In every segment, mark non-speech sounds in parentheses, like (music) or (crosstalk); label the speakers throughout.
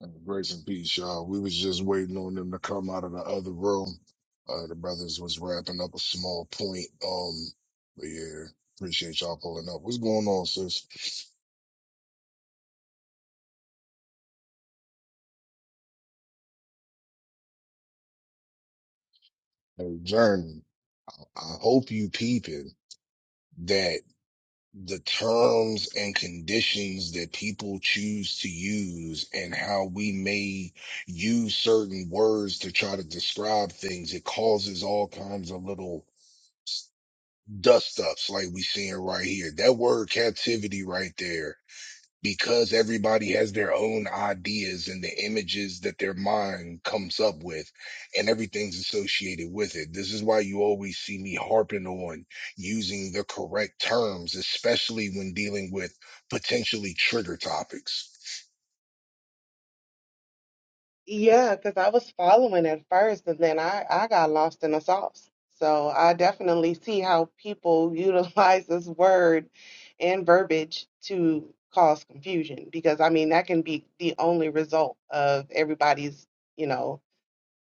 Speaker 1: And grace and peace, y'all. We was just waiting on them to come out of the other room. Uh, the brothers was wrapping up a small point. Um, but yeah, appreciate y'all pulling up. What's going on, sis? Hey, Journey, I hope you peeping that the terms and conditions that people choose to use and how we may use certain words to try to describe things, it causes all kinds of little dust ups like we seeing right here. That word captivity right there, because everybody has their own ideas and the images that their mind comes up with and everything's associated with it. This is why you always see me harping on using the correct terms, especially when dealing with potentially trigger topics
Speaker 2: Yeah, because I was following at first, and then I I got lost in the sauce. So I definitely see how people (laughs) utilize this word and verbiage to cause confusion, because I mean that can be the only result of everybody's, you know,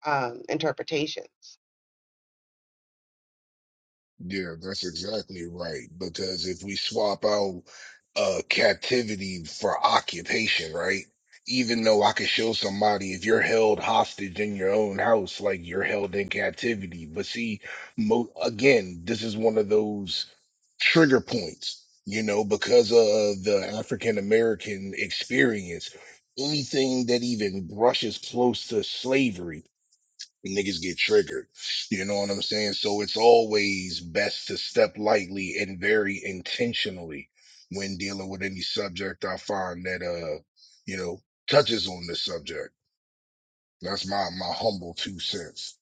Speaker 2: um, interpretations.
Speaker 1: Yeah, that's exactly right. Because if we swap out uh captivity for occupation, right? Even though I could show somebody if you're held hostage in your own house, like you're held in captivity. But see, mo again, this is one of those trigger points, you know, because of the African American experience. Anything that even brushes close to slavery niggas get triggered. You know what I'm saying? So it's always best to step lightly and very intentionally when dealing with any subject I find that uh, you know, touches on this subject. That's my my humble two cents.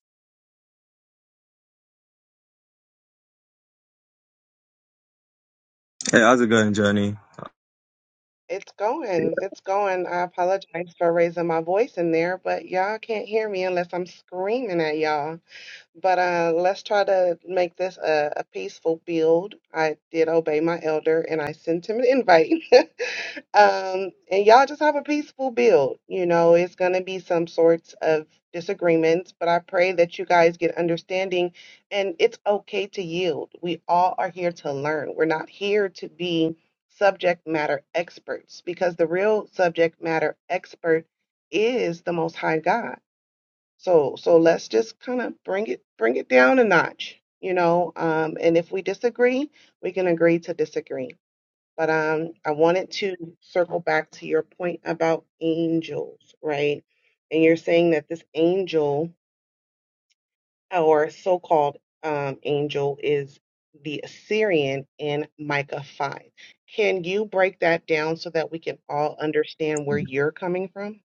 Speaker 3: Hey, how's it going, Journey?
Speaker 2: It's going, it's going. I apologize for raising my voice in there, but y'all can't hear me unless I'm screaming at y'all. But uh, let's try to make this a, a peaceful build. I did obey my elder and I sent him an invite. (laughs) um, and y'all just have a peaceful build. You know, it's going to be some sorts of disagreements, but I pray that you guys get understanding and it's okay to yield. We all are here to learn. We're not here to be subject matter experts because the real subject matter expert is the Most High God so so let's just kind of bring it bring it down a notch, you know. Um, and if we disagree, we can agree to disagree. But um, I wanted to circle back to your point about angels, right? And you're saying that this angel or so-called um, angel is the Assyrian in Micah 5. Can you break that down so that we can all understand where you're coming from?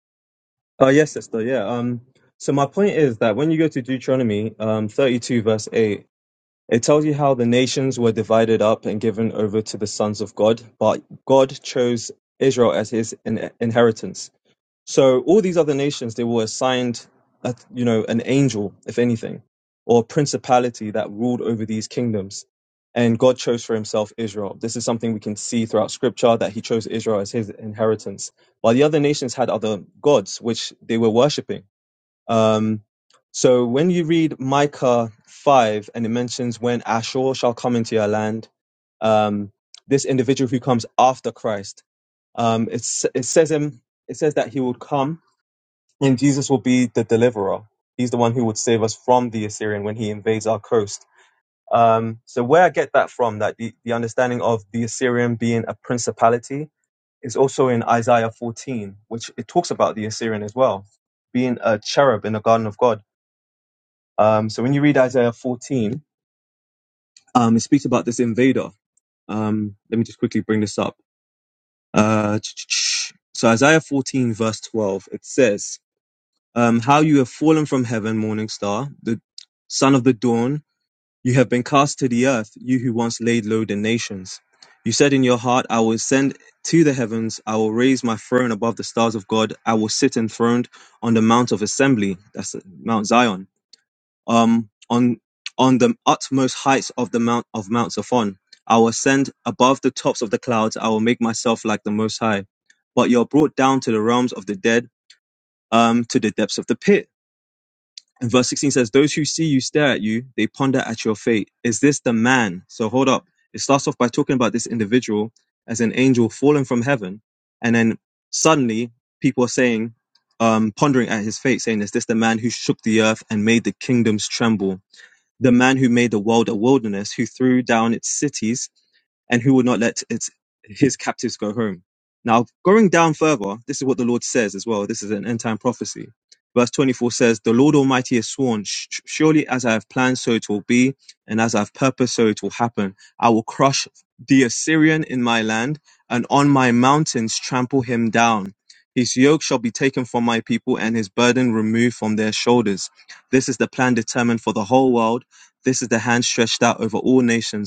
Speaker 3: Oh, yes, sister. Yeah. Um. So my point is that when you go to Deuteronomy, um, thirty-two verse eight, it tells you how the nations were divided up and given over to the sons of God, but God chose Israel as His in- inheritance. So all these other nations, they were assigned, a, you know, an angel, if anything, or a principality that ruled over these kingdoms. And God chose for himself Israel. This is something we can see throughout scripture that he chose Israel as his inheritance. While the other nations had other gods, which they were worshipping um, so when you read Micah 5 and it mentions when Ashur shall come into your land, um, this individual who comes after Christ, um, it's, it says him, it says that he would come and Jesus will be the deliverer. He's the one who would save us from the Assyrian when he invades our coast. Um, so where I get that from, that the, the understanding of the Assyrian being a principality is also in Isaiah 14, which it talks about the Assyrian as well, being a cherub in the garden of God um, so when you read Isaiah 14, um, it speaks about this invader. Um, let me just quickly bring this up. Uh, so Isaiah 14, verse 12, it says, um, How you have fallen from heaven, morning star, the son of the dawn, you have been cast to the earth, you who once laid low the nations. You said in your heart, I will ascend to the heavens, I will raise my throne above the stars of God, I will sit enthroned on the mount of assembly, that's Mount Zion um, on on the utmost heights of the mount of Mount Zaphon. I will ascend above the tops of the clouds. I will make myself like the Most High. But you're brought down to the realms of the dead, um, to the depths of the pit. And verse 16 says, Those who see you stare at you, they ponder at your fate. Is this the man? So hold up. It starts off by talking about this individual as an angel fallen from heaven. And then suddenly people are saying, um, pondering at his fate, saying, Is this the man who shook the earth and made the kingdoms tremble? The man who made the world a wilderness, who threw down its cities and who will not let its, his captives go home. Now, going down further, this is what the Lord says as well. This is an end time prophecy. Verse 24 says, The Lord Almighty has sworn, "Sh- surely as I have planned, so it will be, and as I've purposed, so it will happen. I will crush the Assyrian in my land, and on my mountains trample him down. His yoke shall be taken from my people, and his burden removed from their shoulders. This is the plan determined for the whole world. This is the hand stretched out over all nations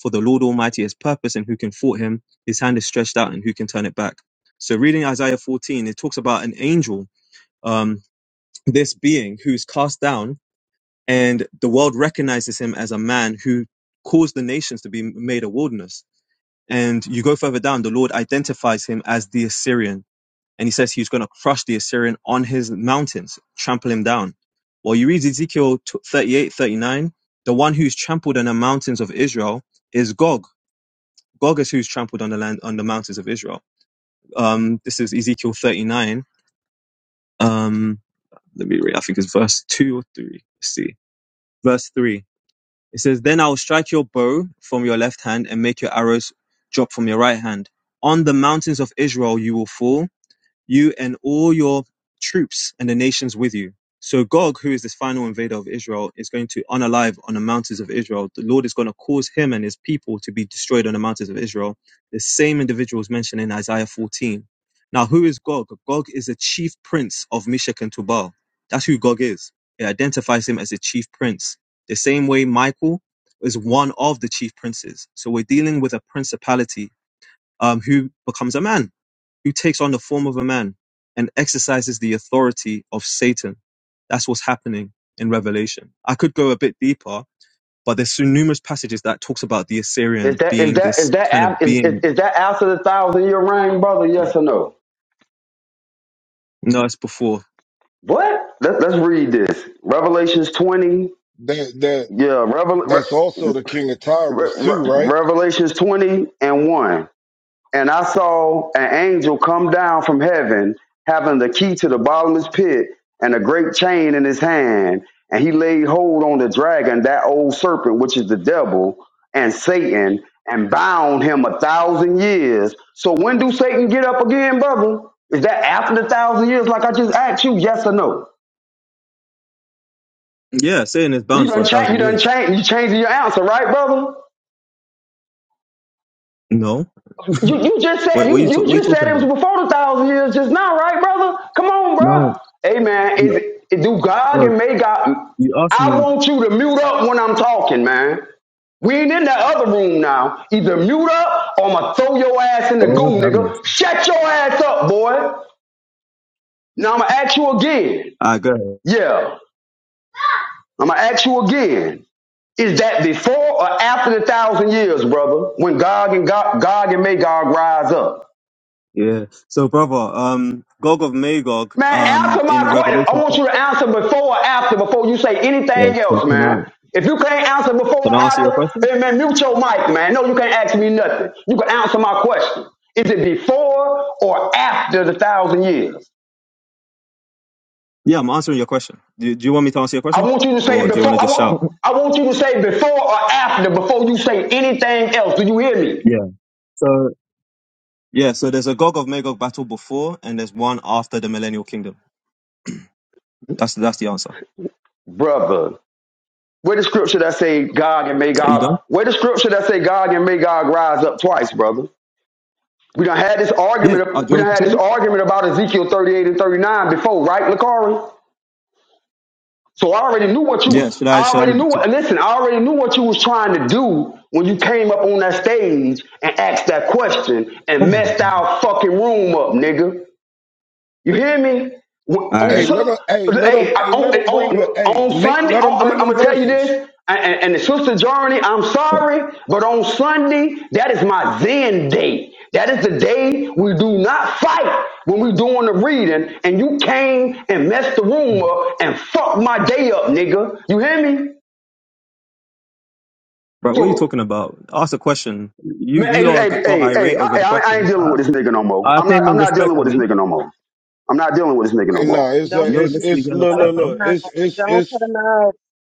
Speaker 3: for the Lord Almighty has purpose, and who can thwart him? His hand is stretched out, and who can turn it back? So, reading Isaiah 14, it talks about an angel, um, this being who's cast down, and the world recognizes him as a man who caused the nations to be made a wilderness. And you go further down, the Lord identifies him as the Assyrian, and he says he's going to crush the Assyrian on his mountains, trample him down. Well, you read Ezekiel 38, 39, the one who's trampled on the mountains of Israel is Gog Gog is who's trampled on the land on the mountains of Israel. Um, this is Ezekiel 39. Um, let me read. I think it's verse two or three. Let's see, verse three. It says, "Then I will strike your bow from your left hand and make your arrows drop from your right hand. On the mountains of Israel you will fall, you and all your troops and the nations with you. So Gog, who is this final invader of Israel, is going to unalive on the mountains of Israel. The Lord is going to cause him and his people to be destroyed on the mountains of Israel. The same individual is mentioned in Isaiah 14. Now, who is Gog? Gog is the chief prince of Meshach and Tubal. That's who Gog is. It identifies him as a chief prince. The same way Michael is one of the chief princes. So we're dealing with a principality um, who becomes a man who takes on the form of a man and exercises the authority of Satan. That's what's happening in Revelation. I could go a bit deeper, but there's so numerous passages that talks about the
Speaker 4: Is
Speaker 3: Assyrian
Speaker 4: that is
Speaker 3: being
Speaker 4: that is
Speaker 3: this
Speaker 4: that
Speaker 3: kind
Speaker 4: af-
Speaker 3: of
Speaker 4: is, is,
Speaker 3: being.
Speaker 4: is that after the thousand year reign, brother? Yes or no?
Speaker 3: No, it's before.
Speaker 4: What? Let, let's read this. Revelations twenty.
Speaker 1: That that
Speaker 4: Yeah, Revel, Re,
Speaker 1: that's also the king of
Speaker 4: Re,
Speaker 1: tyrants too,
Speaker 4: Re-
Speaker 1: right?
Speaker 4: Revelations twenty and one. And I saw an angel come down from heaven, having the key to the bottomless pit and a great chain in his hand. And he laid hold on the dragon, that old serpent, which is the devil and Satan, and bound him a thousand years. So when do Satan get up again, brother? Is that after the thousand years, like I just asked you, yes or no?
Speaker 3: Yeah, Satan is
Speaker 4: You
Speaker 3: bound for a
Speaker 4: done change, you
Speaker 3: thousand
Speaker 4: done
Speaker 3: years.
Speaker 4: change, you changing your answer, right, brother?
Speaker 3: No, (laughs)
Speaker 4: You
Speaker 3: what,
Speaker 4: you just said
Speaker 3: what are
Speaker 4: you
Speaker 3: you ta-
Speaker 4: you
Speaker 3: what are you
Speaker 4: just
Speaker 3: talking
Speaker 4: said it was
Speaker 3: about?
Speaker 4: before the thousand years just now, right, brother? Come on, bro.
Speaker 3: No,
Speaker 4: Hey man,
Speaker 3: you,
Speaker 4: is it, do God
Speaker 3: uh,
Speaker 4: and may God?
Speaker 3: you asked
Speaker 4: I
Speaker 3: me.
Speaker 4: want you to mute up when I'm talking, man. We ain't in that other room now. Either mute up or I'ma throw your ass in the
Speaker 3: Lord
Speaker 4: goo,
Speaker 3: have
Speaker 4: nigga.
Speaker 3: mercy.
Speaker 4: Shut your ass up, boy. Now I'ma ask you again.
Speaker 3: Ah, go ahead.
Speaker 4: Yeah, I'ma ask you again. Is that before or after the thousand years, brother? When God and God, God and may God rise up?
Speaker 3: Yeah. So, brother, um, Gog of Magog,
Speaker 4: Man,
Speaker 3: um,
Speaker 4: answer
Speaker 3: in
Speaker 4: my question. I
Speaker 3: Revelation.
Speaker 4: want you to answer before or after, before you say
Speaker 3: Yeah,
Speaker 4: anything
Speaker 3: can
Speaker 4: else,
Speaker 3: can I
Speaker 4: man. If you can't answer before or
Speaker 3: can I answer your
Speaker 4: after,
Speaker 3: question?
Speaker 4: eh, man, mute your mic, man. No, you can't ask me nothing. You can answer my question. Is it before or after the thousand years?
Speaker 3: Yeah, I'm answering your question. Do, do you want me to answer your
Speaker 4: I
Speaker 3: question?
Speaker 4: want you to say
Speaker 3: Or do you want to
Speaker 4: before. I
Speaker 3: just shout?
Speaker 4: want. I want you to say before or after before you say anything else. Do you hear me,
Speaker 3: Yeah. So Yeah, so there's a Gog of Magog battle before, and there's one after the Millennial Kingdom. That's that's the answer.
Speaker 4: brother? Where the scripture that say God and may
Speaker 3: Are you
Speaker 4: God?
Speaker 3: done?
Speaker 4: Where the scripture that say God and may God rise up twice, brother? We done had this
Speaker 3: Yeah. Oh, do
Speaker 4: argument.
Speaker 3: you
Speaker 4: We done
Speaker 3: want me
Speaker 4: had
Speaker 3: to show
Speaker 4: this
Speaker 3: you?
Speaker 4: argument about Ezekiel 38 and 39 before, right, Lakari? So I already knew what
Speaker 3: Yeah.
Speaker 4: you.
Speaker 3: Should I?
Speaker 4: I
Speaker 3: Should I?
Speaker 4: already knew. What, listen, I already knew what you was trying to do when you came up on that stage and asked that question and
Speaker 3: All
Speaker 4: messed our fucking room up, nigga. You hear me? When- On
Speaker 1: Hey,
Speaker 3: right.
Speaker 1: let
Speaker 4: Su-
Speaker 1: him. Hey, let him.
Speaker 4: hey, I-
Speaker 1: Hey,
Speaker 4: on,
Speaker 1: let him bring
Speaker 4: on,
Speaker 1: the. Hey,
Speaker 4: on
Speaker 1: make,
Speaker 4: Sunday,
Speaker 1: let him
Speaker 4: on,
Speaker 1: bring
Speaker 4: I'm, I'm
Speaker 1: them
Speaker 4: gonna tell you
Speaker 1: verses.
Speaker 4: this, and, and, and the sister journey. I'm sorry, but on Sunday, that is my Zen day. That is the day we do not fight when we doing the reading. And you came and messed the room up and fucked my day up, nigga. You hear me?
Speaker 3: Bro, what are you
Speaker 4: So,
Speaker 3: talking about? Ask a question. You
Speaker 4: man,
Speaker 3: you
Speaker 4: hey,
Speaker 3: lot
Speaker 4: hey,
Speaker 3: got got
Speaker 4: hey, hey,
Speaker 3: irate
Speaker 4: I,
Speaker 3: over the
Speaker 4: I, I ain't
Speaker 3: question.
Speaker 4: dealing
Speaker 3: I,
Speaker 4: with this nigga no more.
Speaker 3: I
Speaker 2: Don't
Speaker 4: I'm not,
Speaker 3: came
Speaker 4: I'm
Speaker 3: in
Speaker 4: not dealing with this
Speaker 3: respectfully,
Speaker 4: nigga no more. I'm not dealing with this nigga no
Speaker 1: Hey,
Speaker 4: more.
Speaker 1: nah, it's uh,
Speaker 3: and you're
Speaker 1: it's
Speaker 3: literally
Speaker 1: it's
Speaker 3: getting
Speaker 1: look,
Speaker 3: upset,
Speaker 2: don't
Speaker 1: look,
Speaker 2: put
Speaker 3: bro.
Speaker 2: 'em
Speaker 1: look.
Speaker 2: out.
Speaker 1: It's
Speaker 2: Don't
Speaker 1: it's it's
Speaker 2: put 'em out. Don't put 'em out.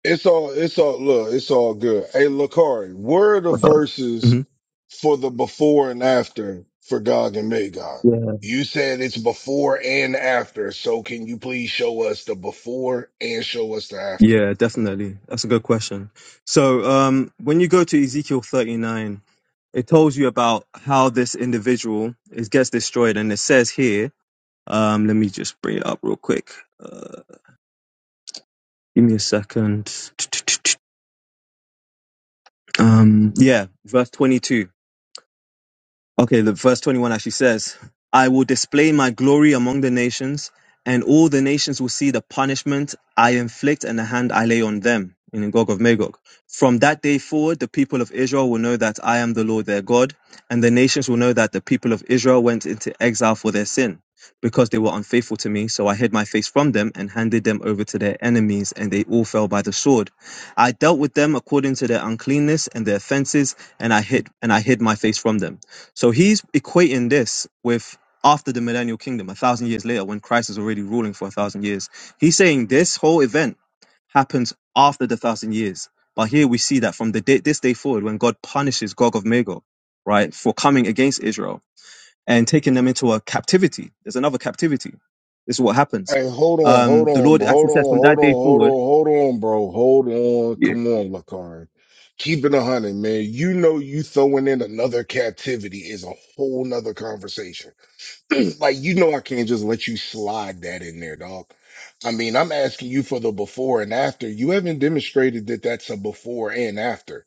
Speaker 1: It's all it's all look, it's all good. Hey Lakari, where are the
Speaker 3: What's up?
Speaker 1: verses
Speaker 3: hmm
Speaker 1: for the before and after for Gog and Magog? You said it's before and after, so can you please show us the before and show us the after?
Speaker 3: Yeah, definitely. That's a good question. So, um, when you go to Ezekiel 39, it tells you about how this individual is gets destroyed, and it says here, um, let me just bring it up real quick. Uh, give me a second. Um, yeah, verse 22. Okay, the verse 21 actually says, I will display my glory among the nations, and all the nations will see the punishment I inflict and the hand I lay on them, in Gog of Magog. From that day forward, the people of Israel will know that I am the Lord their God, and the nations will know that the people of Israel went into exile for their sin, because they were unfaithful to me. So I hid my face from them and handed them over to their enemies, and they all fell by the sword. I dealt with them according to their uncleanness and their offenses, and I hid and I hid my face from them. So he's equating this with after the millennial kingdom, a thousand years later, when Christ is already ruling for a thousand years. He's saying this whole event happens after the thousand years. But here we see that from the day, this day forward, when God punishes Gog of Magog, right, for coming against Israel and taking them into a captivity. There's another captivity. This is what happens.
Speaker 1: Hey, hold on,
Speaker 3: Um,
Speaker 1: hold
Speaker 3: the
Speaker 1: on,
Speaker 3: Lord actually
Speaker 1: hold
Speaker 3: says from
Speaker 1: on, hold
Speaker 3: that
Speaker 1: on,
Speaker 3: day
Speaker 1: hold on,
Speaker 3: forward,
Speaker 1: hold on, bro. Hold on.
Speaker 3: yeah.
Speaker 1: Come on, Lakari. Keep it a hundred, man. You know you throwing in another captivity is a whole nother conversation. (clears throat) like you know I can't just let you slide that in there, dog. I mean, I'm asking you for the before and after. You haven't demonstrated that that's a before and after.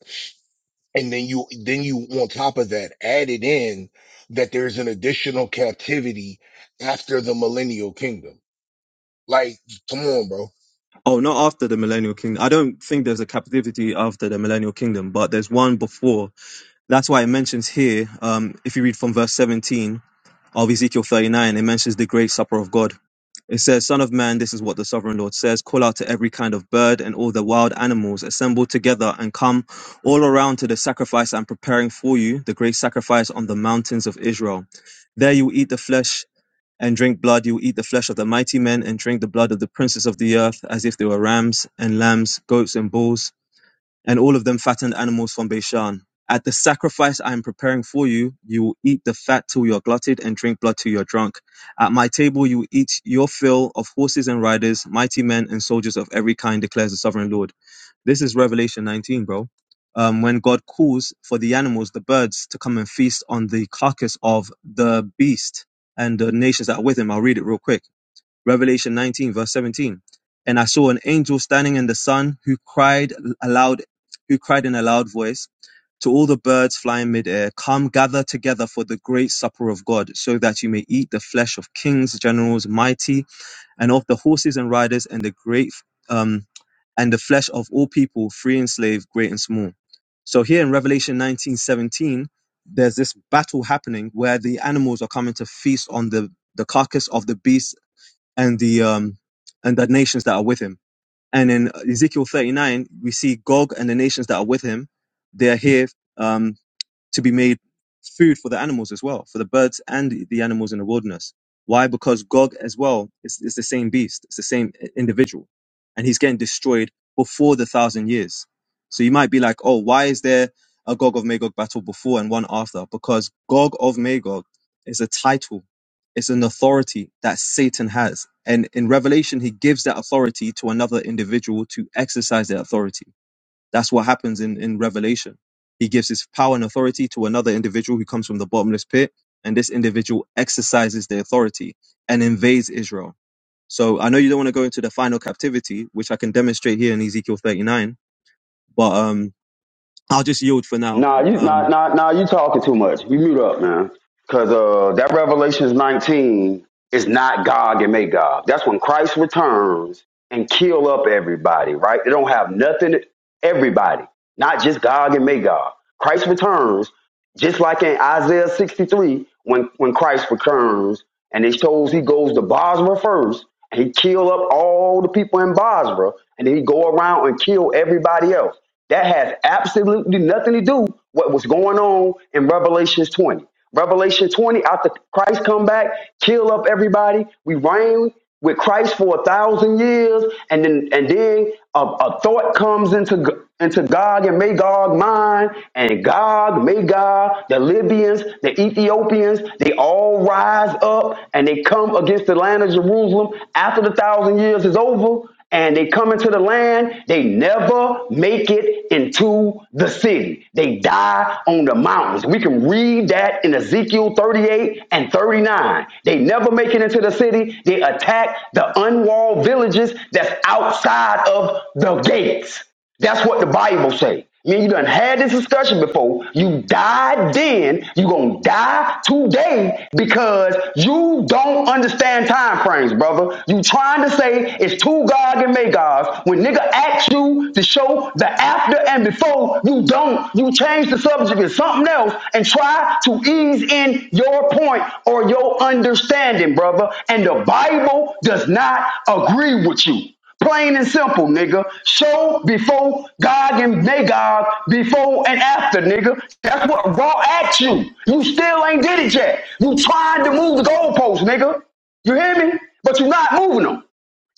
Speaker 1: And then you then you on top of that added in that there's an additional captivity after the millennial kingdom. Like, come on, bro.
Speaker 3: oh, not after the millennial kingdom. I don't think there's a captivity after the millennial kingdom, but there's one before That's why it mentions here, um, if you read from verse 17 of Ezekiel 39, it mentions the great supper of God. It says, Son of man, this is what the sovereign Lord says call out to every kind of bird and all the wild animals, assemble together and come all around to the sacrifice I'm preparing for you, the great sacrifice on the mountains of Israel. There you will eat the flesh and drink blood. You will eat the flesh of the mighty men and drink the blood of the princes of the earth, as if they were rams and lambs, goats and bulls and all of them fattened animals from Bashan. At the sacrifice I am preparing for you, you will eat the fat till you are glutted and drink blood till you are drunk. At my table, you will eat your fill of horses and riders, mighty men and soldiers of every kind, declares the sovereign Lord. This is Revelation 19, bro. Um, when God calls for the animals, the birds, to come and feast on the carcass of the beast and the nations that are with him. I'll read it real quick. Revelation 19, verse 17. And I saw an angel standing in the sun who cried aloud, who cried in a loud voice to all the birds flying midair, come gather together for the great supper of God, so that you may eat the flesh of kings, generals, mighty, and of the horses and riders, and the great, um, and the flesh of all people, free and slave, great and small. So here in Revelation 19:17, there's this battle happening where the animals are coming to feast on the the carcass of the beast and the um and the nations that are with him. And in Ezekiel 39, we see Gog and the nations that are with him. They are here. Um, to be made food for the animals as well, for the birds and the animals in the wilderness. Why? Because Gog as well is, is the same beast, it's the same i- individual, and he's getting destroyed before the thousand years. So you might be like, oh, why is there a Gog of Magog battle before and one after? Because Gog of Magog is a title, it's an authority that Satan has. And in Revelation, he gives that authority to another individual to exercise that authority. That's what happens in, in Revelation. He gives his power and authority to another individual who comes from the bottomless pit, and this individual exercises the authority and invades Israel. So I know you don't want to go into the final captivity, which I can demonstrate here in Ezekiel 39, but um, I'll just yield for now.
Speaker 4: Nah, you nah
Speaker 3: Um,
Speaker 4: nah nah you talking too much. You mute up, man. Cause uh that Revelations 19 is not Gog and Magog. That's when Christ returns and kill up everybody, right? They don't have nothing everybody, not just Gog and Magog. Christ returns, just like in Isaiah 63, when when Christ returns and it shows he goes to Basra first, and he kill up all the people in Basra, and then he go around and kill everybody else. That has absolutely nothing to do with what was going on in Revelations 20. Revelation 20, after Christ come back, kill up everybody. We reign with Christ for a thousand years, and then and then a, a thought comes into G- into Gog and Magog mind, and Gog, Magog, the Libyans, the Ethiopians, they all rise up and they come against the land of Jerusalem after the thousand years is over, and they come into the land, they never make it into the city. They die on the mountains. We can read that in Ezekiel 38 and 39. They never make it into the city. They attack the unwalled villages that's outside of the gates. That's what the Bible say. Man, you done had this discussion before. You died then. You gonna die today because you don't understand time frames, brother. You trying to say it's two God and Magog. When nigga asks you to show the after and before, you don't. You change the subject to something else and try to ease in your point or your understanding, brother. And the Bible does not agree with you. Plain and simple, nigga. Show before God and Magog, before and after, nigga. That's what Raw at you. You still ain't did it yet. You trying to move the goalposts, nigga. You hear me? But you're not moving them.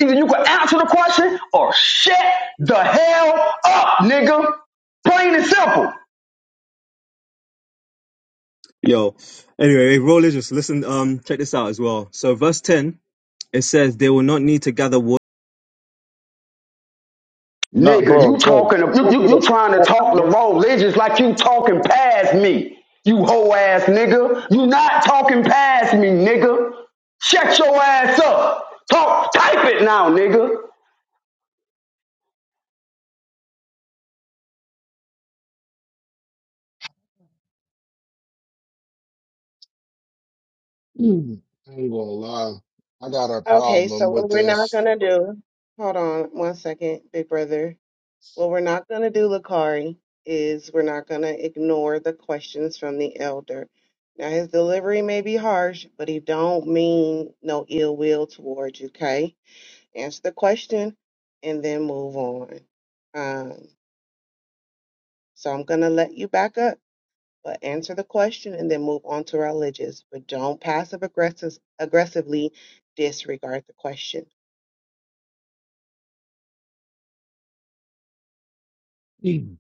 Speaker 4: Either you can answer the question or shut the hell up, nigga. Plain and simple.
Speaker 3: Yo, anyway, hey, roll just listen. Um, check this out as well. So verse 10, it says they will not need to gather water.
Speaker 5: No,
Speaker 4: Nigga,
Speaker 5: bro,
Speaker 4: you
Speaker 5: bro.
Speaker 4: talking, you,
Speaker 5: Don't
Speaker 4: you,
Speaker 5: do
Speaker 4: you
Speaker 5: that.
Speaker 4: trying to
Speaker 5: Oh,
Speaker 4: talk Laurel Legends like you talking past me, you hoe ass nigga. You not talking past me, nigga. Shut your ass up. Talk, type it now, nigga.
Speaker 1: Mm. I ain't gonna lie. I got a
Speaker 2: Okay, so
Speaker 1: problem
Speaker 2: what
Speaker 1: with
Speaker 2: we're not
Speaker 1: this.
Speaker 2: gonna do, hold on one second, big brother. What we're not gonna do, Lakari, is we're not gonna ignore the questions from the elder. Now his delivery may be harsh, but he don't mean no ill will towards you, okay? Answer the question and then move on. Um, so I'm gonna let you back up, but answer the question and then move on to religious. But don't passive aggressive aggressively disregard the question.
Speaker 1: Mm.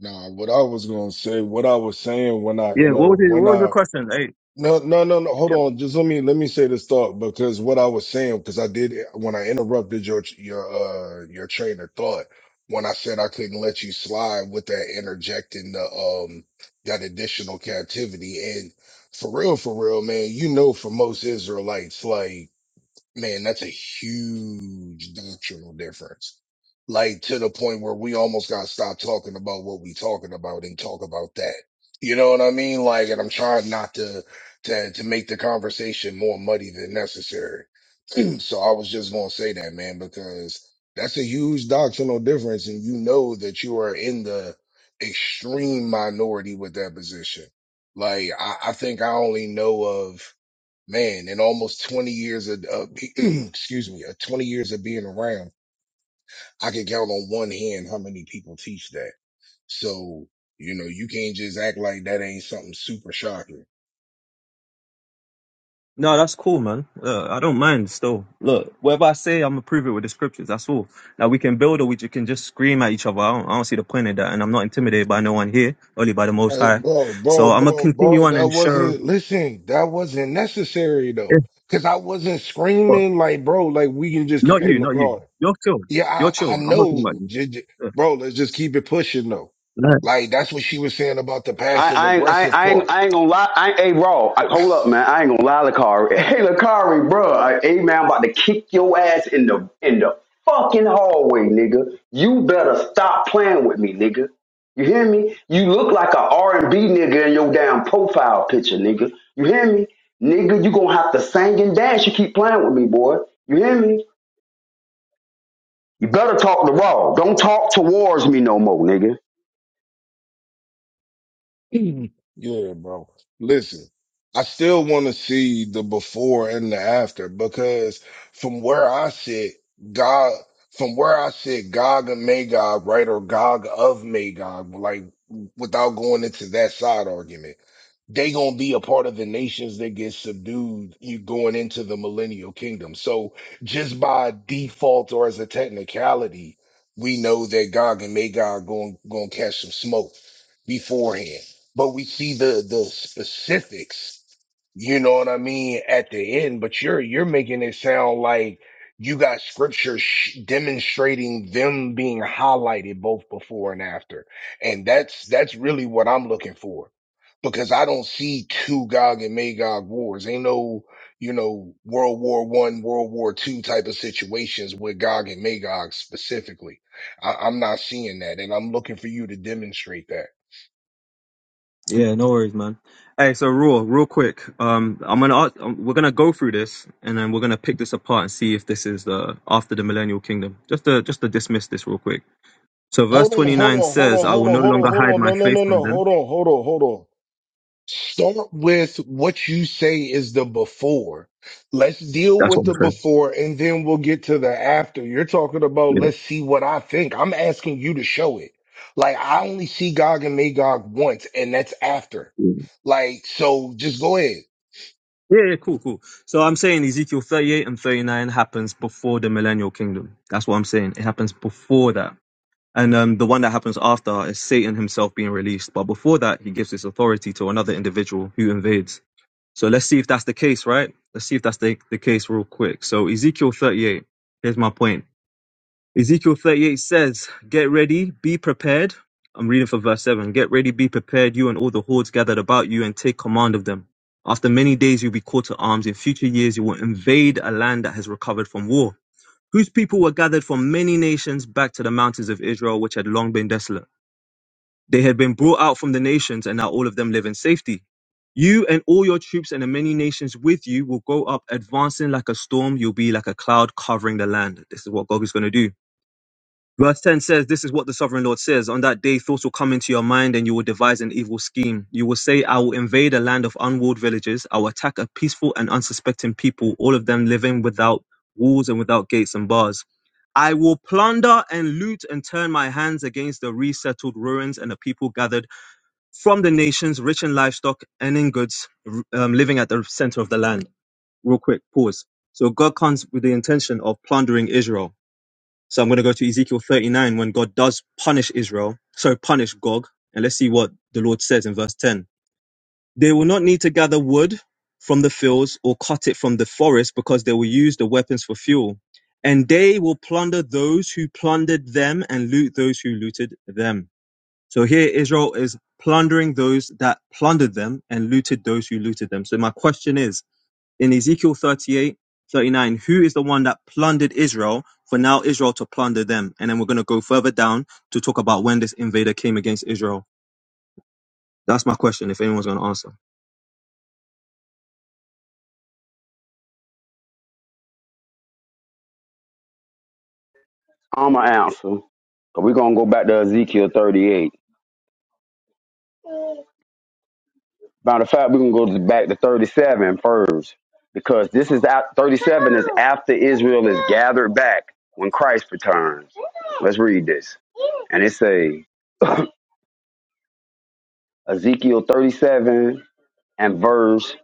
Speaker 1: Nah, what I was gonna say, what I was saying when I,
Speaker 3: Yeah,
Speaker 1: you
Speaker 3: what
Speaker 1: know,
Speaker 3: was, it,
Speaker 1: when
Speaker 3: what was your
Speaker 1: I
Speaker 3: question? Hey,
Speaker 1: No, no, no, no. Hold on. Just let me let me say this thought because what I was saying because I did when I interrupted your your uh your train of thought when I said I couldn't let you slide with that interjecting the um that additional captivity and for real for real man you know for most Israelites like Man, that's a huge doctrinal difference. Like to the point where we almost got to stop talking about what we talking about and talk about that. You know what I mean? Like, and I'm trying not to, to, to make the conversation more muddy than necessary. (clears throat) So I was just going to say that, man, because that's a huge doctrinal difference. And you know that you are in the extreme minority with that position. Like, I, I think I only know of man, in almost 20 years of, of (clears throat) excuse me, of 20 years of being around, I can count on one hand how many people teach that. So, you know, you can't just act like that ain't something super shocking.
Speaker 3: No, that's cool, man. Uh, I don't mind still. Look, whatever I say, I'm gonna prove it with the scriptures. That's all. Now we can build or we ju- can just scream at each other. I don't, I don't see the point in that. And I'm not intimidated by no one here, only by the Most
Speaker 1: Hey,
Speaker 3: High.
Speaker 1: bro, bro,
Speaker 3: So I'm gonna
Speaker 1: bro,
Speaker 3: continue
Speaker 1: bro,
Speaker 3: on
Speaker 1: that
Speaker 3: and show.
Speaker 1: wasn't, listen, that wasn't necessary
Speaker 3: If,
Speaker 1: though. Cause I wasn't
Speaker 3: but
Speaker 1: screaming like, bro, like we can just,
Speaker 3: not
Speaker 1: keep, hey,
Speaker 3: you, not you.
Speaker 1: LaCar.
Speaker 3: You're chill.
Speaker 1: Yeah,
Speaker 3: You're chill.
Speaker 1: I, I
Speaker 3: I'm not talking about
Speaker 1: know.
Speaker 3: you.
Speaker 1: J- j-
Speaker 3: Yeah,
Speaker 1: bro, let's just keep it pushing though.
Speaker 3: Alright.
Speaker 1: Like that's what she was saying about the
Speaker 4: I,
Speaker 1: passive
Speaker 4: I, I,
Speaker 1: aggressive
Speaker 4: I,
Speaker 1: part
Speaker 4: ain't, I ain't gonna lie. I ain't raw. I, hold up, man. I ain't gonna lie, Lakari. (laughs) Hey, Lakari, bro. I- Hey, man, I'm about to kick your ass in the in the fucking hallway, nigga. You better stop playing with me, nigga. You hear me? You look like a R and b nigga in your damn profile picture, nigga. You hear me, nigga? You gonna have to sing and dance. You keep playing with me, boy. You hear me? You better talk to raw. Don't talk towards me no more, nigga.
Speaker 1: (clears throat) Yeah, bro. Listen, I still want to see the before and the after because from where I sit, God, from where I sit, Gog and Magog, right, or Gog of Magog, like without going into that side argument, they gonna be a part of the nations that get subdued. You going into the millennial kingdom, so just by default or as a technicality, we know that Gog and Magog going gonna catch some smoke beforehand. But we see the the specifics, you know what I mean, at the end. But you're you're making it sound like you got scripture sh- demonstrating them being highlighted both before and after, and that's that's really what I'm looking for because I don't see two Gog and Magog wars. Ain't no you know World War One, World War Two type of situations with Gog and Magog specifically. I, I'm not seeing that, and I'm looking for you to demonstrate that.
Speaker 3: Yeah, no worries, man. Hey, so raw, real quick. Um, I'm gonna ask, um, we're gonna go through this, and then we're gonna pick this apart and see if this is the after the millennial kingdom. Just to just to dismiss this real quick. So verse
Speaker 1: Hold on, hold
Speaker 3: 29
Speaker 1: on, hold
Speaker 3: says,
Speaker 1: on,
Speaker 3: I
Speaker 1: hold
Speaker 3: will no
Speaker 1: on, hold
Speaker 3: longer
Speaker 1: on, hold
Speaker 3: hide
Speaker 1: on.
Speaker 3: my
Speaker 1: No, no,
Speaker 3: face
Speaker 1: no,
Speaker 3: from
Speaker 1: no.
Speaker 3: them.
Speaker 1: Hold on, hold on, hold on. Start with what you say is the before. Let's deal
Speaker 3: That's what
Speaker 1: with
Speaker 3: I'm
Speaker 1: the
Speaker 3: saying.
Speaker 1: before and then we'll get to the after. You're talking about
Speaker 3: Yeah,
Speaker 1: let's see what I think. I'm asking you to show it. Like I only see Gog and Magog once, and that's after.
Speaker 3: yeah,
Speaker 1: Like, so just go ahead.
Speaker 3: yeah, yeah, cool, cool. So I'm saying Ezekiel 38 and 39 happens before the millennial kingdom. That's what I'm saying. It happens before that. And um, the one that happens after is Satan himself being released. But before that, he gives his authority to another individual who invades. So let's see if that's the case, right? Let's see if that's the, the case real quick. So Ezekiel 38, here's my point. Ezekiel 38 says, Get ready, be prepared. I'm reading for verse 7. Get ready, be prepared, you and all the hordes gathered about you, and take command of them. After many days, you'll be called to arms. In future years, you will invade a land that has recovered from war, whose people were gathered from many nations back to the mountains of Israel, which had long been desolate. They had been brought out from the nations, and now all of them live in safety. You and all your troops and the many nations with you will go up, advancing like a storm. You'll be like a cloud covering the land. This is what God is going to do. Verse 10 says, This is what the sovereign Lord says. On that day, thoughts will come into your mind and you will devise an evil scheme. You will say, I will invade a land of unwalled villages. I will attack a peaceful and unsuspecting people, all of them living without walls and without gates and bars. I will plunder and loot and turn my hands against the resettled ruins and the people gathered from the nations, rich in livestock and in goods, r- um, living at the center of the land. Real quick, pause. So God comes with the intention of plundering Israel so I'm going to go to Ezekiel 39 when God does punish Israel, sorry, punish Gog. And let's see what the Lord says in verse 10. They will not need to gather wood from the fields or cut it from the forest because they will use the weapons for fuel. And they will plunder those who plundered them and loot those who looted them. So here Israel is plundering those that plundered them and looted those who looted them. So my question is, in Ezekiel 38, 39, who is the one that plundered Israel for now Israel to plunder them? And then we're going to go further down to talk about when this invader came against Israel. That's my question, if anyone's going to answer.
Speaker 4: I'm an answer. Cause we gonna go back to Ezekiel 38. Matter of fact, we can go to back to 37 first, because this is out 37 is after Israel is gathered back when Christ returns. Let's read this. And it say Ezekiel 37 and verse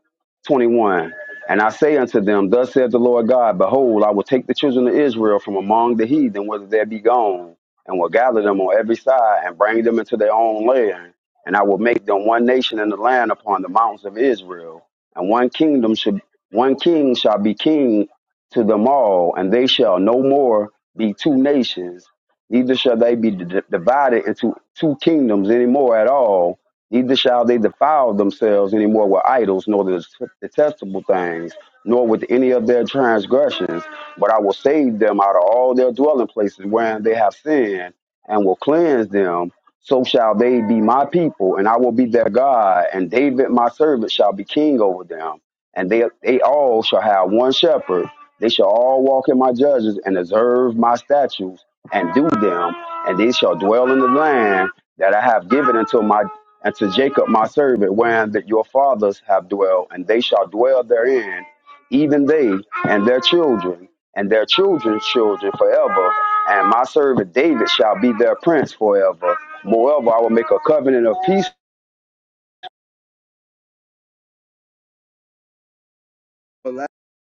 Speaker 4: 21. And I say unto them, Thus saith the Lord God, Behold, I will take the children of Israel from among the heathen, whither they be gone, and will gather them on every side, and bring them into their own land. And I will make them one nation in the land upon the mountains of Israel. And one kingdom should, one king shall be king to them all, and they shall no more be two nations, neither shall they be d- divided into two kingdoms anymore at all neither shall they defile themselves any more with idols, nor the detestable things, nor with any of their transgressions. But I will save them out of all their dwelling places wherein they have sinned, and will cleanse them. So shall they be my people, and I will be their God, and David my servant shall be king over them and they they all shall have one shepherd. They shall all walk in my judges and observe my statutes and do them, and they shall dwell in the land that I have given unto my unto Jacob my servant, wherein that your fathers have dwelt, and they shall dwell therein, even they and their children, and their children's children forever. And my servant David shall be their prince forever. Moreover, I will make a covenant of peace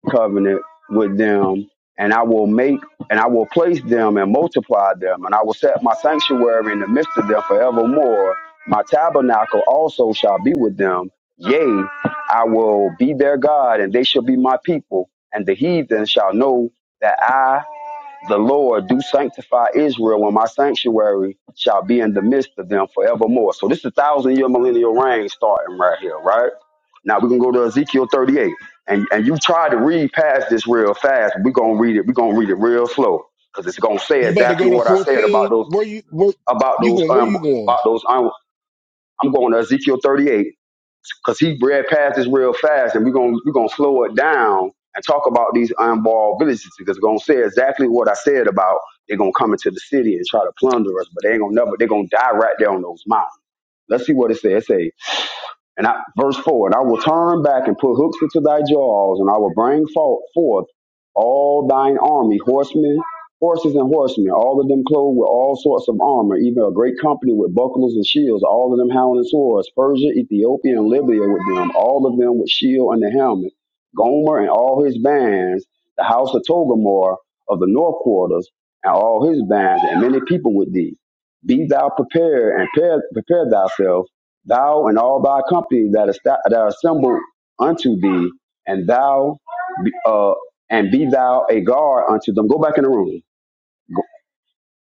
Speaker 4: covenant with them, and I will make and I will place them and multiply them, and I will set my sanctuary in the midst of them forevermore. My tabernacle also shall be with them. Yea, I will be their God, and they shall be my people, and the heathen shall know that I the Lord do sanctify Israel when my sanctuary shall be in the midst of them forevermore. So this is a thousand year millennial reign starting right here, right? Now we can go to Ezekiel 38. And and you try to read past this real fast. We're gonna read it, we're gonna read it real slow. Because it's gonna say
Speaker 1: You about to
Speaker 4: exactly
Speaker 1: go to
Speaker 4: what I said about
Speaker 1: 14?
Speaker 4: those
Speaker 1: Where you where
Speaker 4: about
Speaker 1: you
Speaker 4: those
Speaker 1: going? Where
Speaker 4: um
Speaker 1: you going?
Speaker 4: about those un, I'm going to Ezekiel 38 because he read past this real fast, and we're gonna we're gonna slow it down and talk about these unborn villages because we're gonna say exactly what I said about they're gonna come into the city and try to plunder us, but they ain't gonna never they're gonna die right there on those mountains. Let's see what it says. It says, and I, verse 4, and I will turn back and put hooks into thy jaws, and I will bring fo- forth all thine army, horsemen, horses and horsemen, all of them clothed with all sorts of armor, even a great company with bucklers and shields, all of them howling swords, Persia, Ethiopia, and Libya with them, all of them with shield and the helmet, Gomer and all his bands, the house of Togomor of the north quarters, and all his bands, and many people with thee. Be thou prepared and prepare, prepare thyself thou and all thy company that are, sta- that are assembled unto thee, and thou be- uh, and be thou a guard unto them. Go back in the room,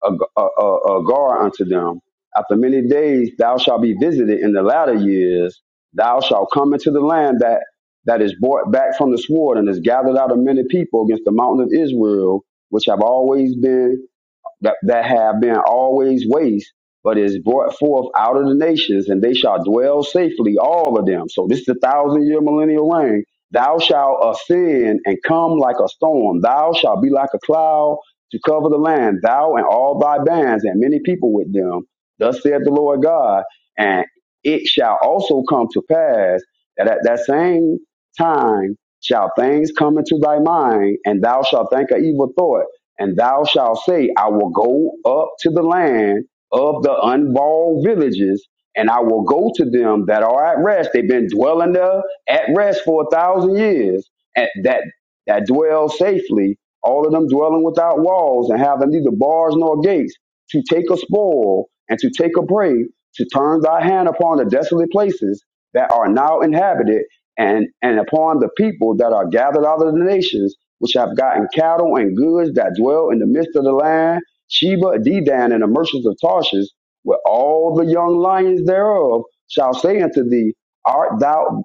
Speaker 4: a, gu- a, a, a guard unto them. After many days thou shalt be visited in the latter years. Thou shalt come into the land that, that is brought back from the sword and is gathered out of many people against the mountain of Israel, which have always been that, that have been always waste, but is brought forth out of the nations, and they shall dwell safely, all of them. So this is the thousand year millennial reign. Thou shalt ascend and come like a storm. Thou shalt be like a cloud to cover the land, thou and all thy bands, and many people with them. Thus saith the Lord God. And it shall also come to pass that at that same time shall things come into thy mind, and thou shalt think an evil thought and thou shalt say, I will go up to the land of the unwalled villages, and I will go to them that are at rest. They've been dwelling there at rest for a thousand years, and that that dwell safely, all of them dwelling without walls and having neither bars nor gates, to take a spoil and to take a prey, to turn thy hand upon the desolate places that are now inhabited, and, and upon the people that are gathered out of the nations which have gotten cattle and goods that dwell in the midst of the land, Sheba, Dedan, and the merchants of Tarshish, where all the young lions thereof shall say unto thee, Art thou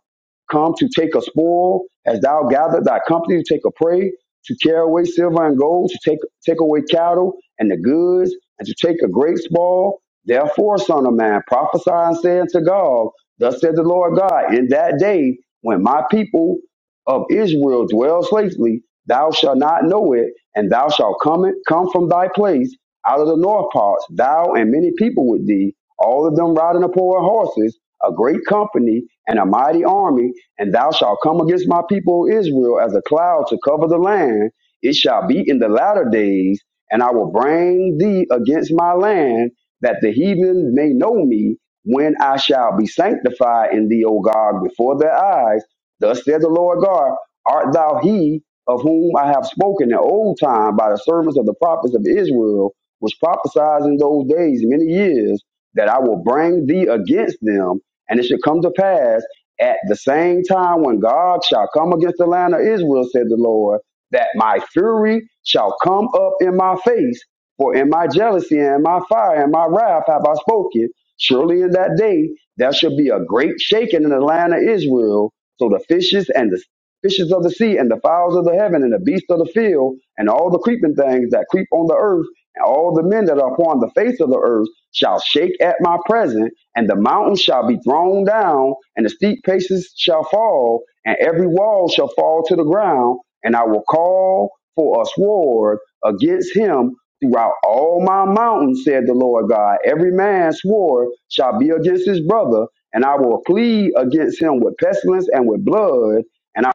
Speaker 4: come to take a spoil? Hast thou gathered thy company to take a prey, to carry away silver and gold, to take, take away cattle and the goods, and to take a great spoil? Therefore, son of man, prophesy and say unto God, Thus said the Lord God, in that day when my people of Israel dwells safely, thou shalt not know it, and thou shalt come, in, come from thy place out of the north parts, thou and many people with thee, all of them riding upon horses, a great company and a mighty army, and thou shalt come against my people Israel as a cloud to cover the land. It shall be in the latter days, and I will bring thee against my land, that the heathen may know me, when I shall be sanctified in thee, O God, before their eyes Thus saith the Lord God, art thou he of whom I have spoken in old time by the servants of the prophets of Israel, which prophesied in those days many years, that I will bring thee against them, and it shall come to pass at the same time when God shall come against the land of Israel, said the Lord, that my fury shall come up in my face, for in my jealousy and my fire and my wrath have I spoken. Surely in that day there shall be a great shaking in the land of Israel, so the fishes and the fishes of the sea and the fowls of the heaven and the beasts of the field and all the creeping things that creep on the earth and all the men that are upon the face of the earth shall shake at my presence and the mountains shall be thrown down and the steep places shall fall and every wall shall fall to the ground and I will call for a sword against him throughout all my mountains, said the Lord God. Every man's sword shall be against his brother and I will plead against him with pestilence and with blood, and I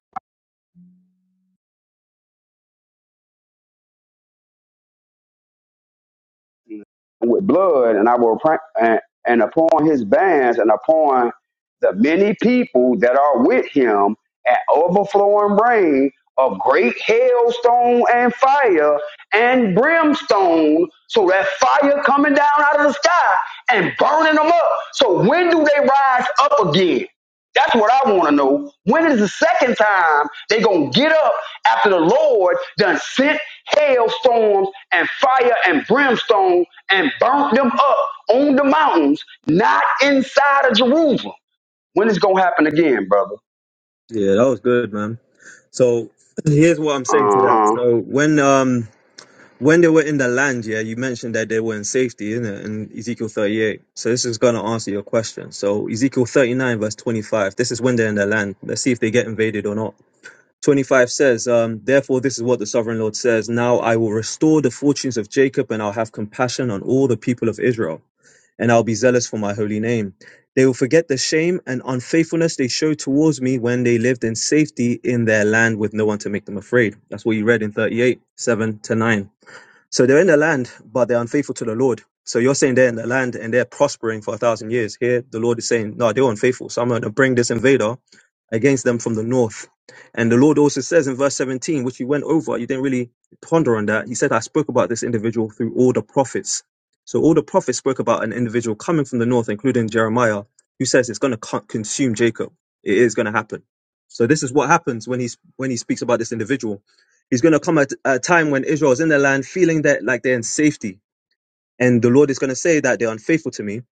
Speaker 4: with blood, and I will pr- and, and upon his bands and upon the many people that are with him an overflowing rain of great hailstone and fire and brimstone, so that fire coming down out of the sky and burning them up. So when do they rise up again? That's what I want to know. When is the second time they gonna get up after the Lord done sent hailstorms and fire and brimstone and burnt them up on the mountains, not inside of Jerusalem? When is it gonna happen again, brother?
Speaker 3: Yeah, that was good, man. So here's what I'm
Speaker 4: Uh
Speaker 3: saying to that.
Speaker 4: huh.
Speaker 3: So when um when they were in the land, yeah, you mentioned that they were in safety, isn't it? In Ezekiel 38. So this is going to answer your question. So Ezekiel 39, verse 25. This is when they're in the land. Let's see if they get invaded or not. 25 says, um, Therefore, this is what the sovereign Lord says Now I will restore the fortunes of Jacob, and I'll have compassion on all the people of Israel, and I'll be zealous for my holy name. They will forget the shame and unfaithfulness they showed towards me when they lived in safety in their land with no one to make them afraid. That's what you read in 38, 7 to 9. So they're in the land, but they're unfaithful to the Lord. So you're saying they're in the land and they're prospering for a thousand years. Here, the Lord is saying, no, they're unfaithful. So I'm going to bring this invader against them from the north. And the Lord also says in verse 17, which you went over, you didn't really ponder on that. He said, I spoke about this individual through all the prophets. So all the prophets spoke about an individual coming from the north, including Jeremiah, who says it's going to consume Jacob. It is going to happen. So this is what happens when he's when he speaks about this individual. It's going to come at a time when Israel is in their land feeling that like they're in safety. And the Lord is going to say that they're unfaithful to me.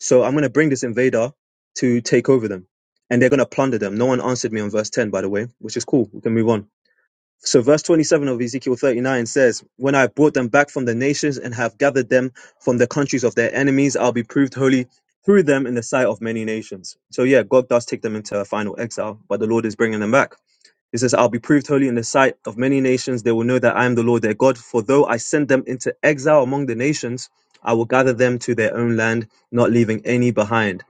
Speaker 3: So I'm going to bring this invader to take over them. And they're going to plunder them. No one answered me on verse 10, by the way, which is cool. We can move on. So verse 27 of Ezekiel 39 says, When I have brought them back from the nations and have gathered them from the countries of their enemies, I'll be proved holy through them in the sight of many nations. So yeah, God does take them into a final exile, but the Lord is bringing them back. It says, I'll be proved holy in the sight of many nations. They will know that I am the Lord their God. For though I send them into exile among the nations, I will gather them to their own land, not leaving any behind.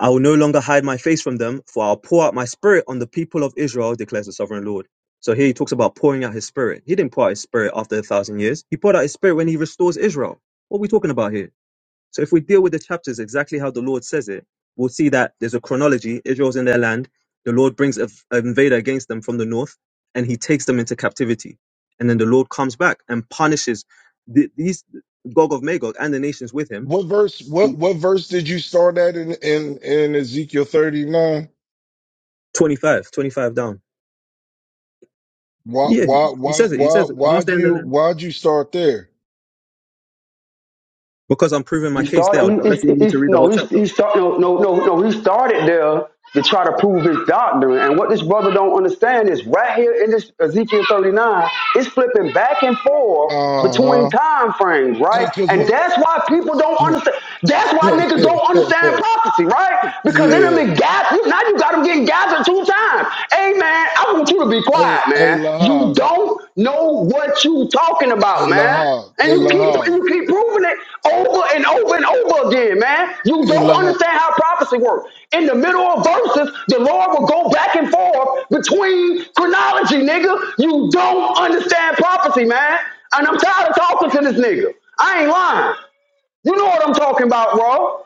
Speaker 3: I will no longer hide my face from them, for I'll pour out my spirit on the people of Israel, declares the sovereign Lord. So here he talks about pouring out his spirit. He didn't pour out his spirit after a thousand years. He poured out his spirit when he restores Israel. What are we talking about here? So if we deal with the chapters exactly how the Lord says it, we'll see that there's a chronology. Israel's in their land. The Lord brings a- an invader against them from the north, and he takes them into captivity. And then the Lord comes back and punishes the, these Gog of Magog and the nations with him.
Speaker 1: What verse what what verse did you start at in in, in Ezekiel 39?
Speaker 3: 25, 25 down.
Speaker 1: Why,
Speaker 3: Yeah,
Speaker 1: why,
Speaker 3: he, he
Speaker 1: why,
Speaker 3: says it. He
Speaker 1: why,
Speaker 3: says it. Whilst
Speaker 1: why'd
Speaker 3: they're in the
Speaker 1: you,
Speaker 3: land.
Speaker 1: why'd you start there?
Speaker 3: Because I'm proving my
Speaker 4: He
Speaker 3: case there,
Speaker 4: started. He,
Speaker 3: unless you want me
Speaker 4: he,
Speaker 3: to
Speaker 4: he,
Speaker 3: read the whole
Speaker 4: no, he,
Speaker 3: chapter.
Speaker 4: he start, no, no, no, no. He started there to try to prove his doctrine. And what this brother don't understand is right here in this Ezekiel 39, it's flipping back and forth between
Speaker 1: Uh huh.
Speaker 4: time frames, right?
Speaker 1: Hey, cause
Speaker 4: And
Speaker 1: what?
Speaker 4: that's why people
Speaker 1: (laughs)
Speaker 4: don't
Speaker 1: yeah.
Speaker 4: understand. That's why niggas don't understand prophecy, right? Because they done been gathered. Now you got them getting gathered two times. Hey, man, I want you to be
Speaker 1: Hey,
Speaker 4: quiet,
Speaker 1: hey,
Speaker 4: man. You
Speaker 1: Lahab.
Speaker 4: don't know what you talking
Speaker 1: Hey,
Speaker 4: about, man.
Speaker 1: Lahab.
Speaker 4: And
Speaker 1: Hey,
Speaker 4: you keep and
Speaker 1: Lahab.
Speaker 4: you keep proving it over and over and over again, man. You
Speaker 1: Hey,
Speaker 4: don't
Speaker 1: Lahab.
Speaker 4: understand how prophecy works. In the middle of verses, the Lord will go back and forth between chronology, nigga. You don't understand prophecy, man. And I'm tired of talking to this nigga. I ain't lying. You know what I'm talking about, bro.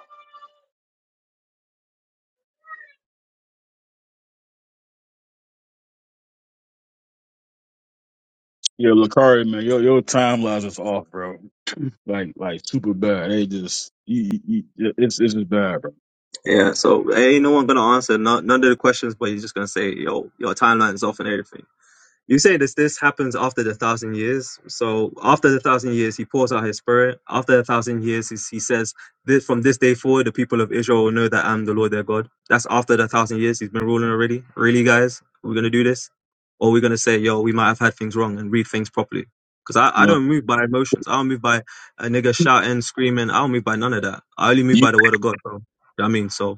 Speaker 5: Yeah, Lakari, man, your your timelines is off, bro. Like, like super bad. They just, you, you, you- it's it's just bad, bro.
Speaker 3: Yeah, so ain't no one gonna answer none, none of the questions, but you're just gonna say, yo, your timeline's off and everything. You say this this happens after the thousand years. So after the thousand years, he pours out his spirit. After the thousand years, he, he says, "This from this day forward, the people of Israel will know that I'm the Lord their God." That's after the thousand years. He's been ruling already. Really, guys, we're gonna do this, or we're gonna say, "Yo, we might have had things wrong and read things properly." Because I,
Speaker 5: You
Speaker 3: I
Speaker 5: know,
Speaker 3: don't move by emotions. I don't move by a nigga shouting, screaming. I don't move by none of that. I only move
Speaker 5: you,
Speaker 3: by the word of God, bro. You know what I mean, so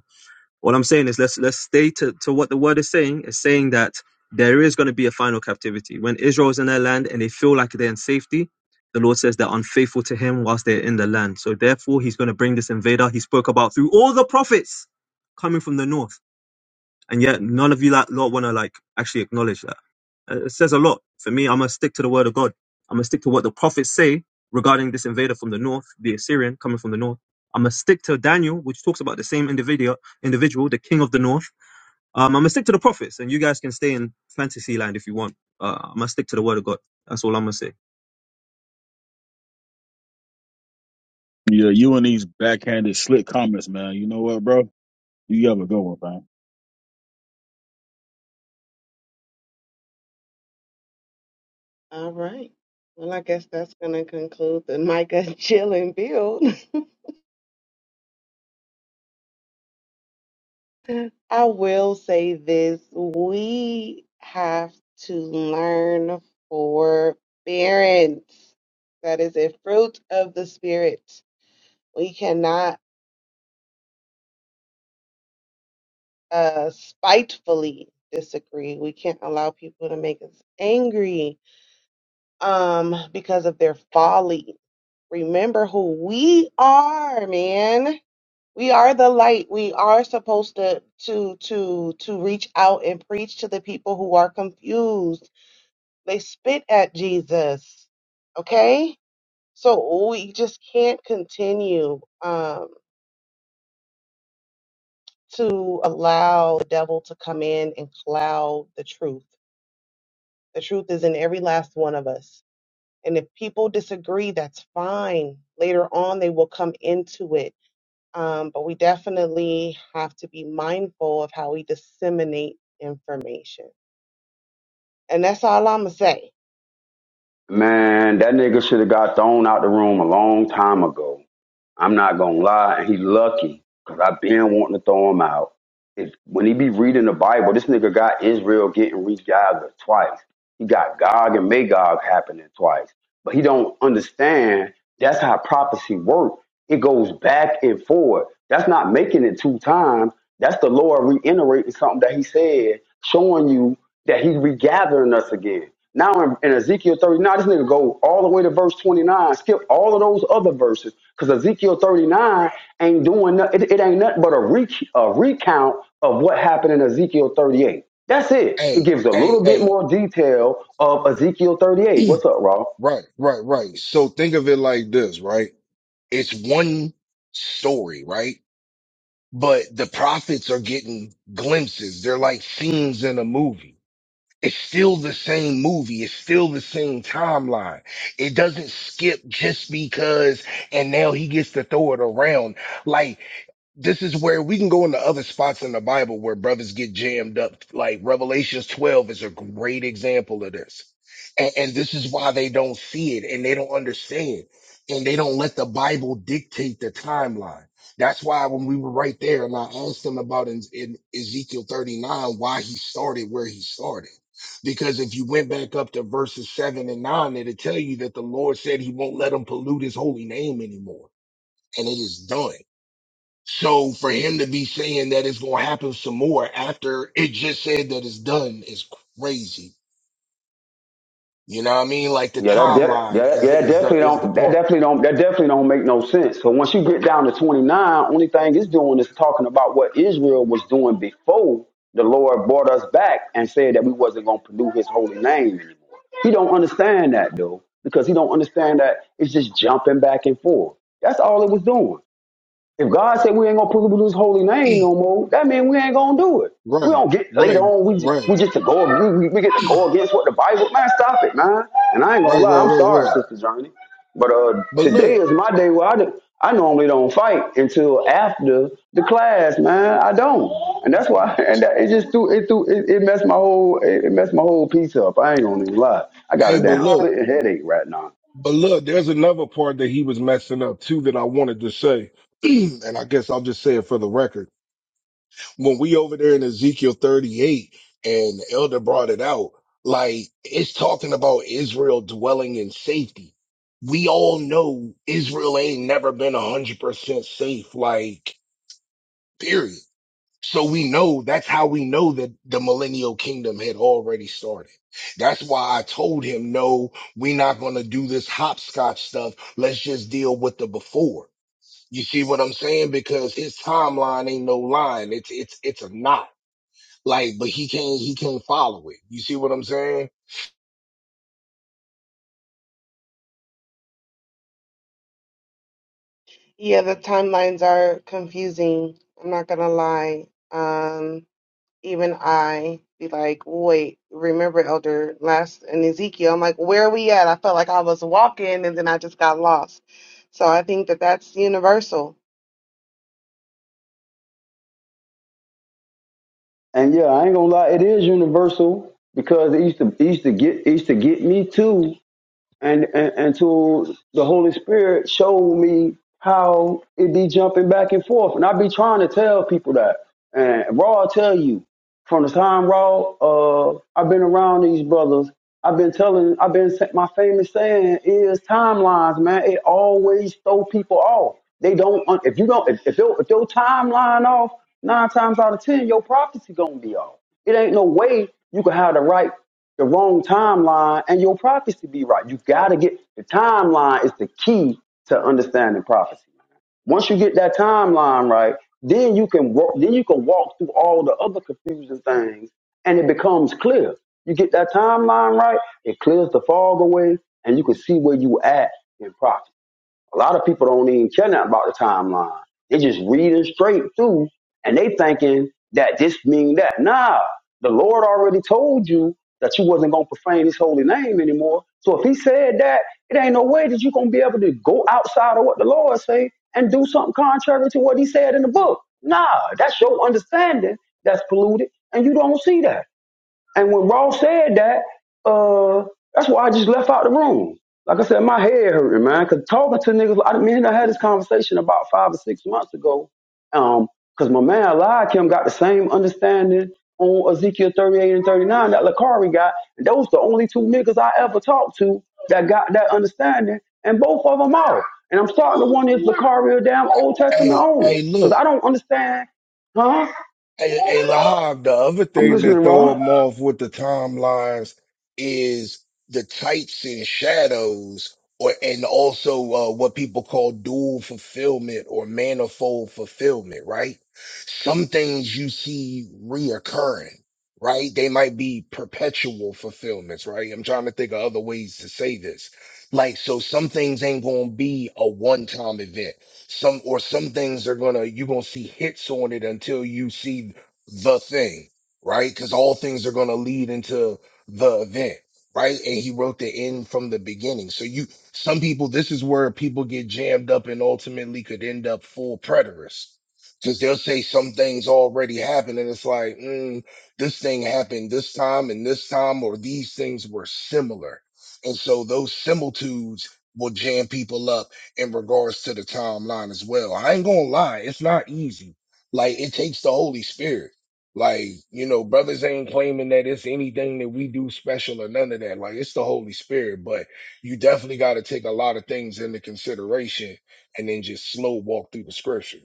Speaker 3: what I'm saying is let's let's stay to, to what the word is saying. It's saying that there is going to be a final captivity. When Israel is in their land and they feel like they're in safety, the Lord says they're unfaithful to him whilst they're in the land. So therefore he's going to bring this invader he spoke about through all the prophets coming from the north. And yet none of you like lot want to like actually acknowledge that. Uh, It says a lot. For me, I'm going to stick to the word of God. I'm going to stick to what the prophets say regarding this invader from the north, the Assyrian coming from the north. I'm going to stick to Daniel, which talks about the same individual, individual, the king of the north. Um, I'm going to stick to the prophets, and you guys can stay in fantasy land if you want. Uh, I'm going to stick to the word of God. That's all I'm going to say.
Speaker 5: yeah, you and these backhanded slick comments, man. You know what, bro? You have a good one, man.
Speaker 2: All right. Well, I guess that's going to conclude the Micah (laughs) Chill and Build. (laughs) I will say this we have to learn forbearance. That is a fruit of the Spirit. We cannot uh, spitefully disagree. We can't allow people to make us angry um, because of their folly. Remember who we are, man We are the light. We are supposed to to to to reach out and preach to the people who are confused. They spit at Jesus. Okay? So we just can't continue um to allow the devil to come in and cloud the truth. The truth is in every last one of us. And if people disagree, that's fine. Later on, they will come into it Um, but we definitely have to be mindful of how we disseminate information. And that's all I'm going to say.
Speaker 4: Man, that nigga should have got thrown out the room a long time ago. I'm not gonna lie, and he lucky because I've been wanting to throw him out. If, when he be reading the Bible, this nigga got Israel getting regathered twice. He got Gog and Magog happening twice, but he don't understand that's how prophecy works. It goes back and forth. That's not making it two times. That's the Lord reiterating something that He said, showing you that He's regathering us again. Now in, in Ezekiel 39, this nigga go all the way to verse 29, skip all of those other verses, because Ezekiel 39 ain't doing nothing. It, it ain't nothing but a, re a recount of what happened in Ezekiel 38. That's it. It
Speaker 1: Hey,
Speaker 4: gives a
Speaker 1: hey,
Speaker 4: little bit
Speaker 1: hey.
Speaker 4: more detail of Ezekiel 38. What's up, Raw?
Speaker 1: Right, right, right. So think of it like this, right? It's one story, right? But the prophets are getting glimpses. They're like scenes in a movie. It's still the same movie. It's still the same timeline. It doesn't skip just because, and now he gets to throw it around. Like, this is where we can go into other spots in the Bible where brothers get jammed up. Like Revelations 12 is a great example of this. And, and this is why they don't see it and they don't understand and they don't let the Bible dictate the timeline. That's why when we were right there and I asked him about in, in Ezekiel 39, why he started where he started. Because if you went back up to verses seven and nine, it'll tell you that the Lord said he won't let them pollute his holy name anymore. And it is done so for him to be saying that it's going to happen some more after it just said that it's done is crazy. You know what I mean? Like the
Speaker 4: Yeah, that def,
Speaker 1: timeline
Speaker 4: yeah,
Speaker 1: is the,
Speaker 4: yeah, that
Speaker 1: is the,
Speaker 4: definitely
Speaker 1: is the
Speaker 4: don't that
Speaker 1: part.
Speaker 4: definitely don't that definitely don't make no sense. So once you get down to 29, only thing it's doing is talking about what Israel was doing before the Lord brought us back and said that we wasn't gonna pollute his holy name anymore. He don't understand that though, because he don't understand that it's just jumping back and forth. That's all it was doing. If God said we ain't gonna put his holy name no
Speaker 1: E,
Speaker 4: more, that means we ain't gonna do it. We
Speaker 1: right,
Speaker 4: don't get later
Speaker 1: right,
Speaker 4: on. We
Speaker 1: right,
Speaker 4: we get to go. We, we we get to
Speaker 1: E,
Speaker 4: go against what the Bible. Man, stop it, man. And I ain't gonna
Speaker 1: right,
Speaker 4: lie.
Speaker 1: right,
Speaker 4: I'm
Speaker 1: right,
Speaker 4: sorry,
Speaker 1: right.
Speaker 4: Sister Journey, but uh,
Speaker 1: But
Speaker 4: today
Speaker 1: look,
Speaker 4: is my day where I do, I normally don't fight until after the class, man. I don't, and that's why. (laughs) And that, it just threw it threw it, it messed my whole it, it messed my whole piece up. I ain't gonna even lie. I got a
Speaker 1: hey,
Speaker 2: I'm
Speaker 1: but
Speaker 4: damn
Speaker 1: look,
Speaker 4: splitting
Speaker 2: sorry.
Speaker 4: headache right now.
Speaker 1: but look, there's another part that he was messing up too that I wanted to say. (clears throat) and I guess I'll just say it for the record when we over there in Ezekiel 38 and elder brought it out, like it's talking about Israel dwelling in safety. We all know Israel ain't never been 100% safe, like, period. So we know that's how we know that the millennial kingdom had already started. That's why I told him, no, we not going to do this hopscotch stuff. Let's just deal with the before. You see what I'm saying? Because his timeline ain't no line. It's, it's, it's a knot. Like, but he can't, he can't follow it. You see what I'm saying?
Speaker 2: Yeah, the timelines are confusing. I'm not going to lie. Um, even I be like, wait, remember, Elder, last in Ezekiel, I'm like, where are we at? I felt like I was walking and then I just got lost. So I think that that's universal.
Speaker 4: And yeah, I ain't gonna lie, it is universal because it used to it used to get it used to get me too, and and until the Holy Spirit showed me how it be jumping back and forth, and I be trying to tell people that, and Raw tell you from the time raw, uh, I've been around these brothers. I've been telling, I've been my famous saying is timelines, man. It always throw people off. They don't if you don't if, if, your, if your timeline off nine times out of ten, your prophecy gonna be off. It ain't no way you can have the right the wrong timeline and your prophecy be right. You gotta get the timeline is the key to understanding prophecy. Once you get that timeline right, then you can walk. Then you can walk through all the other confusing things, and it becomes clear. You get that timeline right, it clears the fog away, and you can see where you at in prophecy. A lot of people don't even care nothing about the timeline. They just reading straight through and they thinking that this mean that. Nah, the Lord already told you that you wasn't gonna profane his holy name anymore. So if he said that, it ain't no way that you gonna be able to go outside of what the Lord say and do something contrary to what he said in the book. Nah, that's your understanding that's polluted and you don't see that. And when Ross said that, uh, that's why I just left out the room. Like I said, my head hurting, man, because talking to niggas, I, mean, I had this conversation about five or six months ago, Um, 'cause my man Eliakim got the same understanding on Ezekiel 38 and 39 that Lakari got. And those the only two niggas I ever talked to that got that understanding, and both of them out. And I'm starting to wonder if Lakari or damn Old Testament
Speaker 1: Hey,
Speaker 4: only,
Speaker 1: hey,
Speaker 4: 'cause
Speaker 1: look.
Speaker 4: I don't understand, huh?
Speaker 1: Hey, hey, Lahab, the other
Speaker 4: I'm
Speaker 1: thing
Speaker 4: listening,
Speaker 1: that
Speaker 4: Raw.
Speaker 1: throw them off with the timelines is the tights and shadows, or and also uh, what people call dual fulfillment or manifold fulfillment, right? Some things you see reoccurring, right? They might be perpetual fulfillments, right? I'm trying to think of other ways to say this. Like, so some things ain't gonna be a one-time event some or some things are gonna you're gonna see hits on it until you see the thing, right? Because all things are gonna lead into the event, right? And he wrote the end from the beginning. So you some people this is where people get jammed up and ultimately could end up full preterists. Because they'll say some things already happened, and it's like, mm, this thing happened this time and this time, or these things were similar. And so those similitudes will jam people up in regards to the timeline as well. I ain't gonna lie, it's not easy. Like it takes the Holy Spirit. Like, you know, brothers ain't claiming that it's anything that we do special or none of that. Like it's the Holy Spirit, but you definitely gotta take a lot of things into consideration and then just slow walk through the scripture.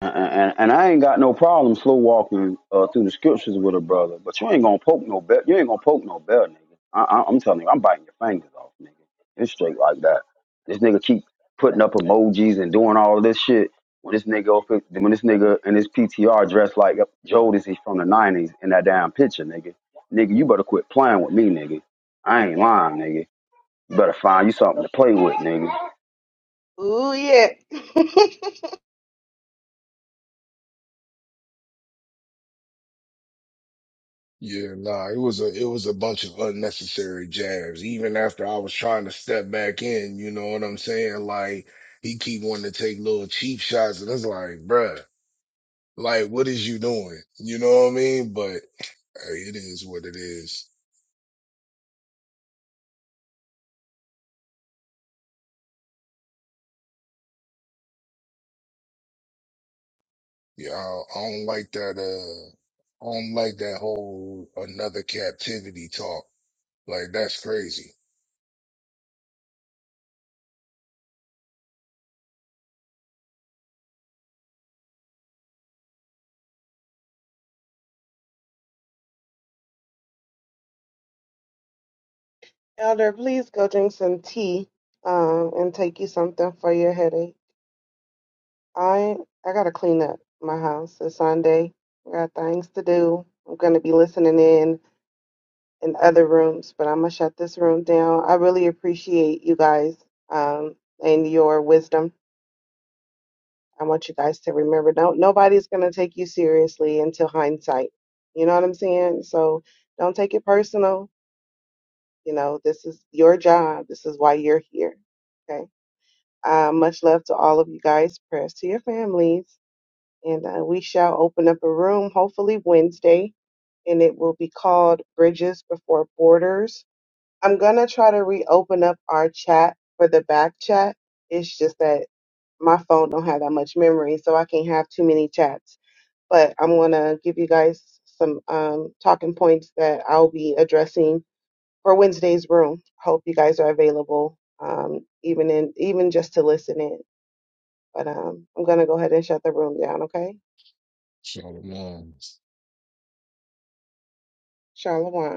Speaker 4: And, and I ain't got no problem slow walking uh, through the scriptures with a brother, but you ain't gonna poke no bell. You ain't gonna poke no bell, nigga. I, I, I'm telling you, I'm biting your fingers off, nigga. It's straight like that. This nigga keep putting up emojis and doing all this shit. When this nigga, up- when this nigga and his PTR dressed like Jodeci from the '90s in that damn picture, nigga. Nigga, you better quit playing with me, nigga. I ain't lying, nigga. You better find you something to play with, nigga.
Speaker 2: Ooh, yeah. (laughs)
Speaker 1: Yeah, nah, it was a it was a bunch of unnecessary jabs. Even after I was trying to step back in, you know what I'm saying? Like he keep wanting to take little cheap shots, and it's like, bruh. Like, what is you doing? You know what I mean? But hey, it is what it is. Yeah, I, I don't like that. Uh, I don't like that whole another captivity talk. Like, that's crazy.
Speaker 2: Elder, please go drink some tea um, and take you something for your headache. I I gotta clean up my house. It's Sunday. I got things to do. I'm gonna be listening in in other rooms, but I'm gonna shut this room down. I really appreciate you guys um, and your wisdom. I want you guys to remember, Don't nobody's gonna take you seriously until hindsight. You know what I'm saying? So don't take it personal. You know, this is your job. This is why you're here. Okay. Uh, much love to all of you guys. Prayers to your families. And uh, we shall open up a room hopefully Wednesday, and it will be called Bridges Before Borders. I'm going to try to reopen up our chat for the back chat. It's just that my phone don't have that much memory, so I can't have too many chats. But I'm going to give you guys some um, talking points that I'll be addressing for Wednesday's room. Hope you guys are available, um, even in even just to listen in. But um, I'm going to go ahead and shut the room down, okay?
Speaker 1: So, um,
Speaker 2: Shalom.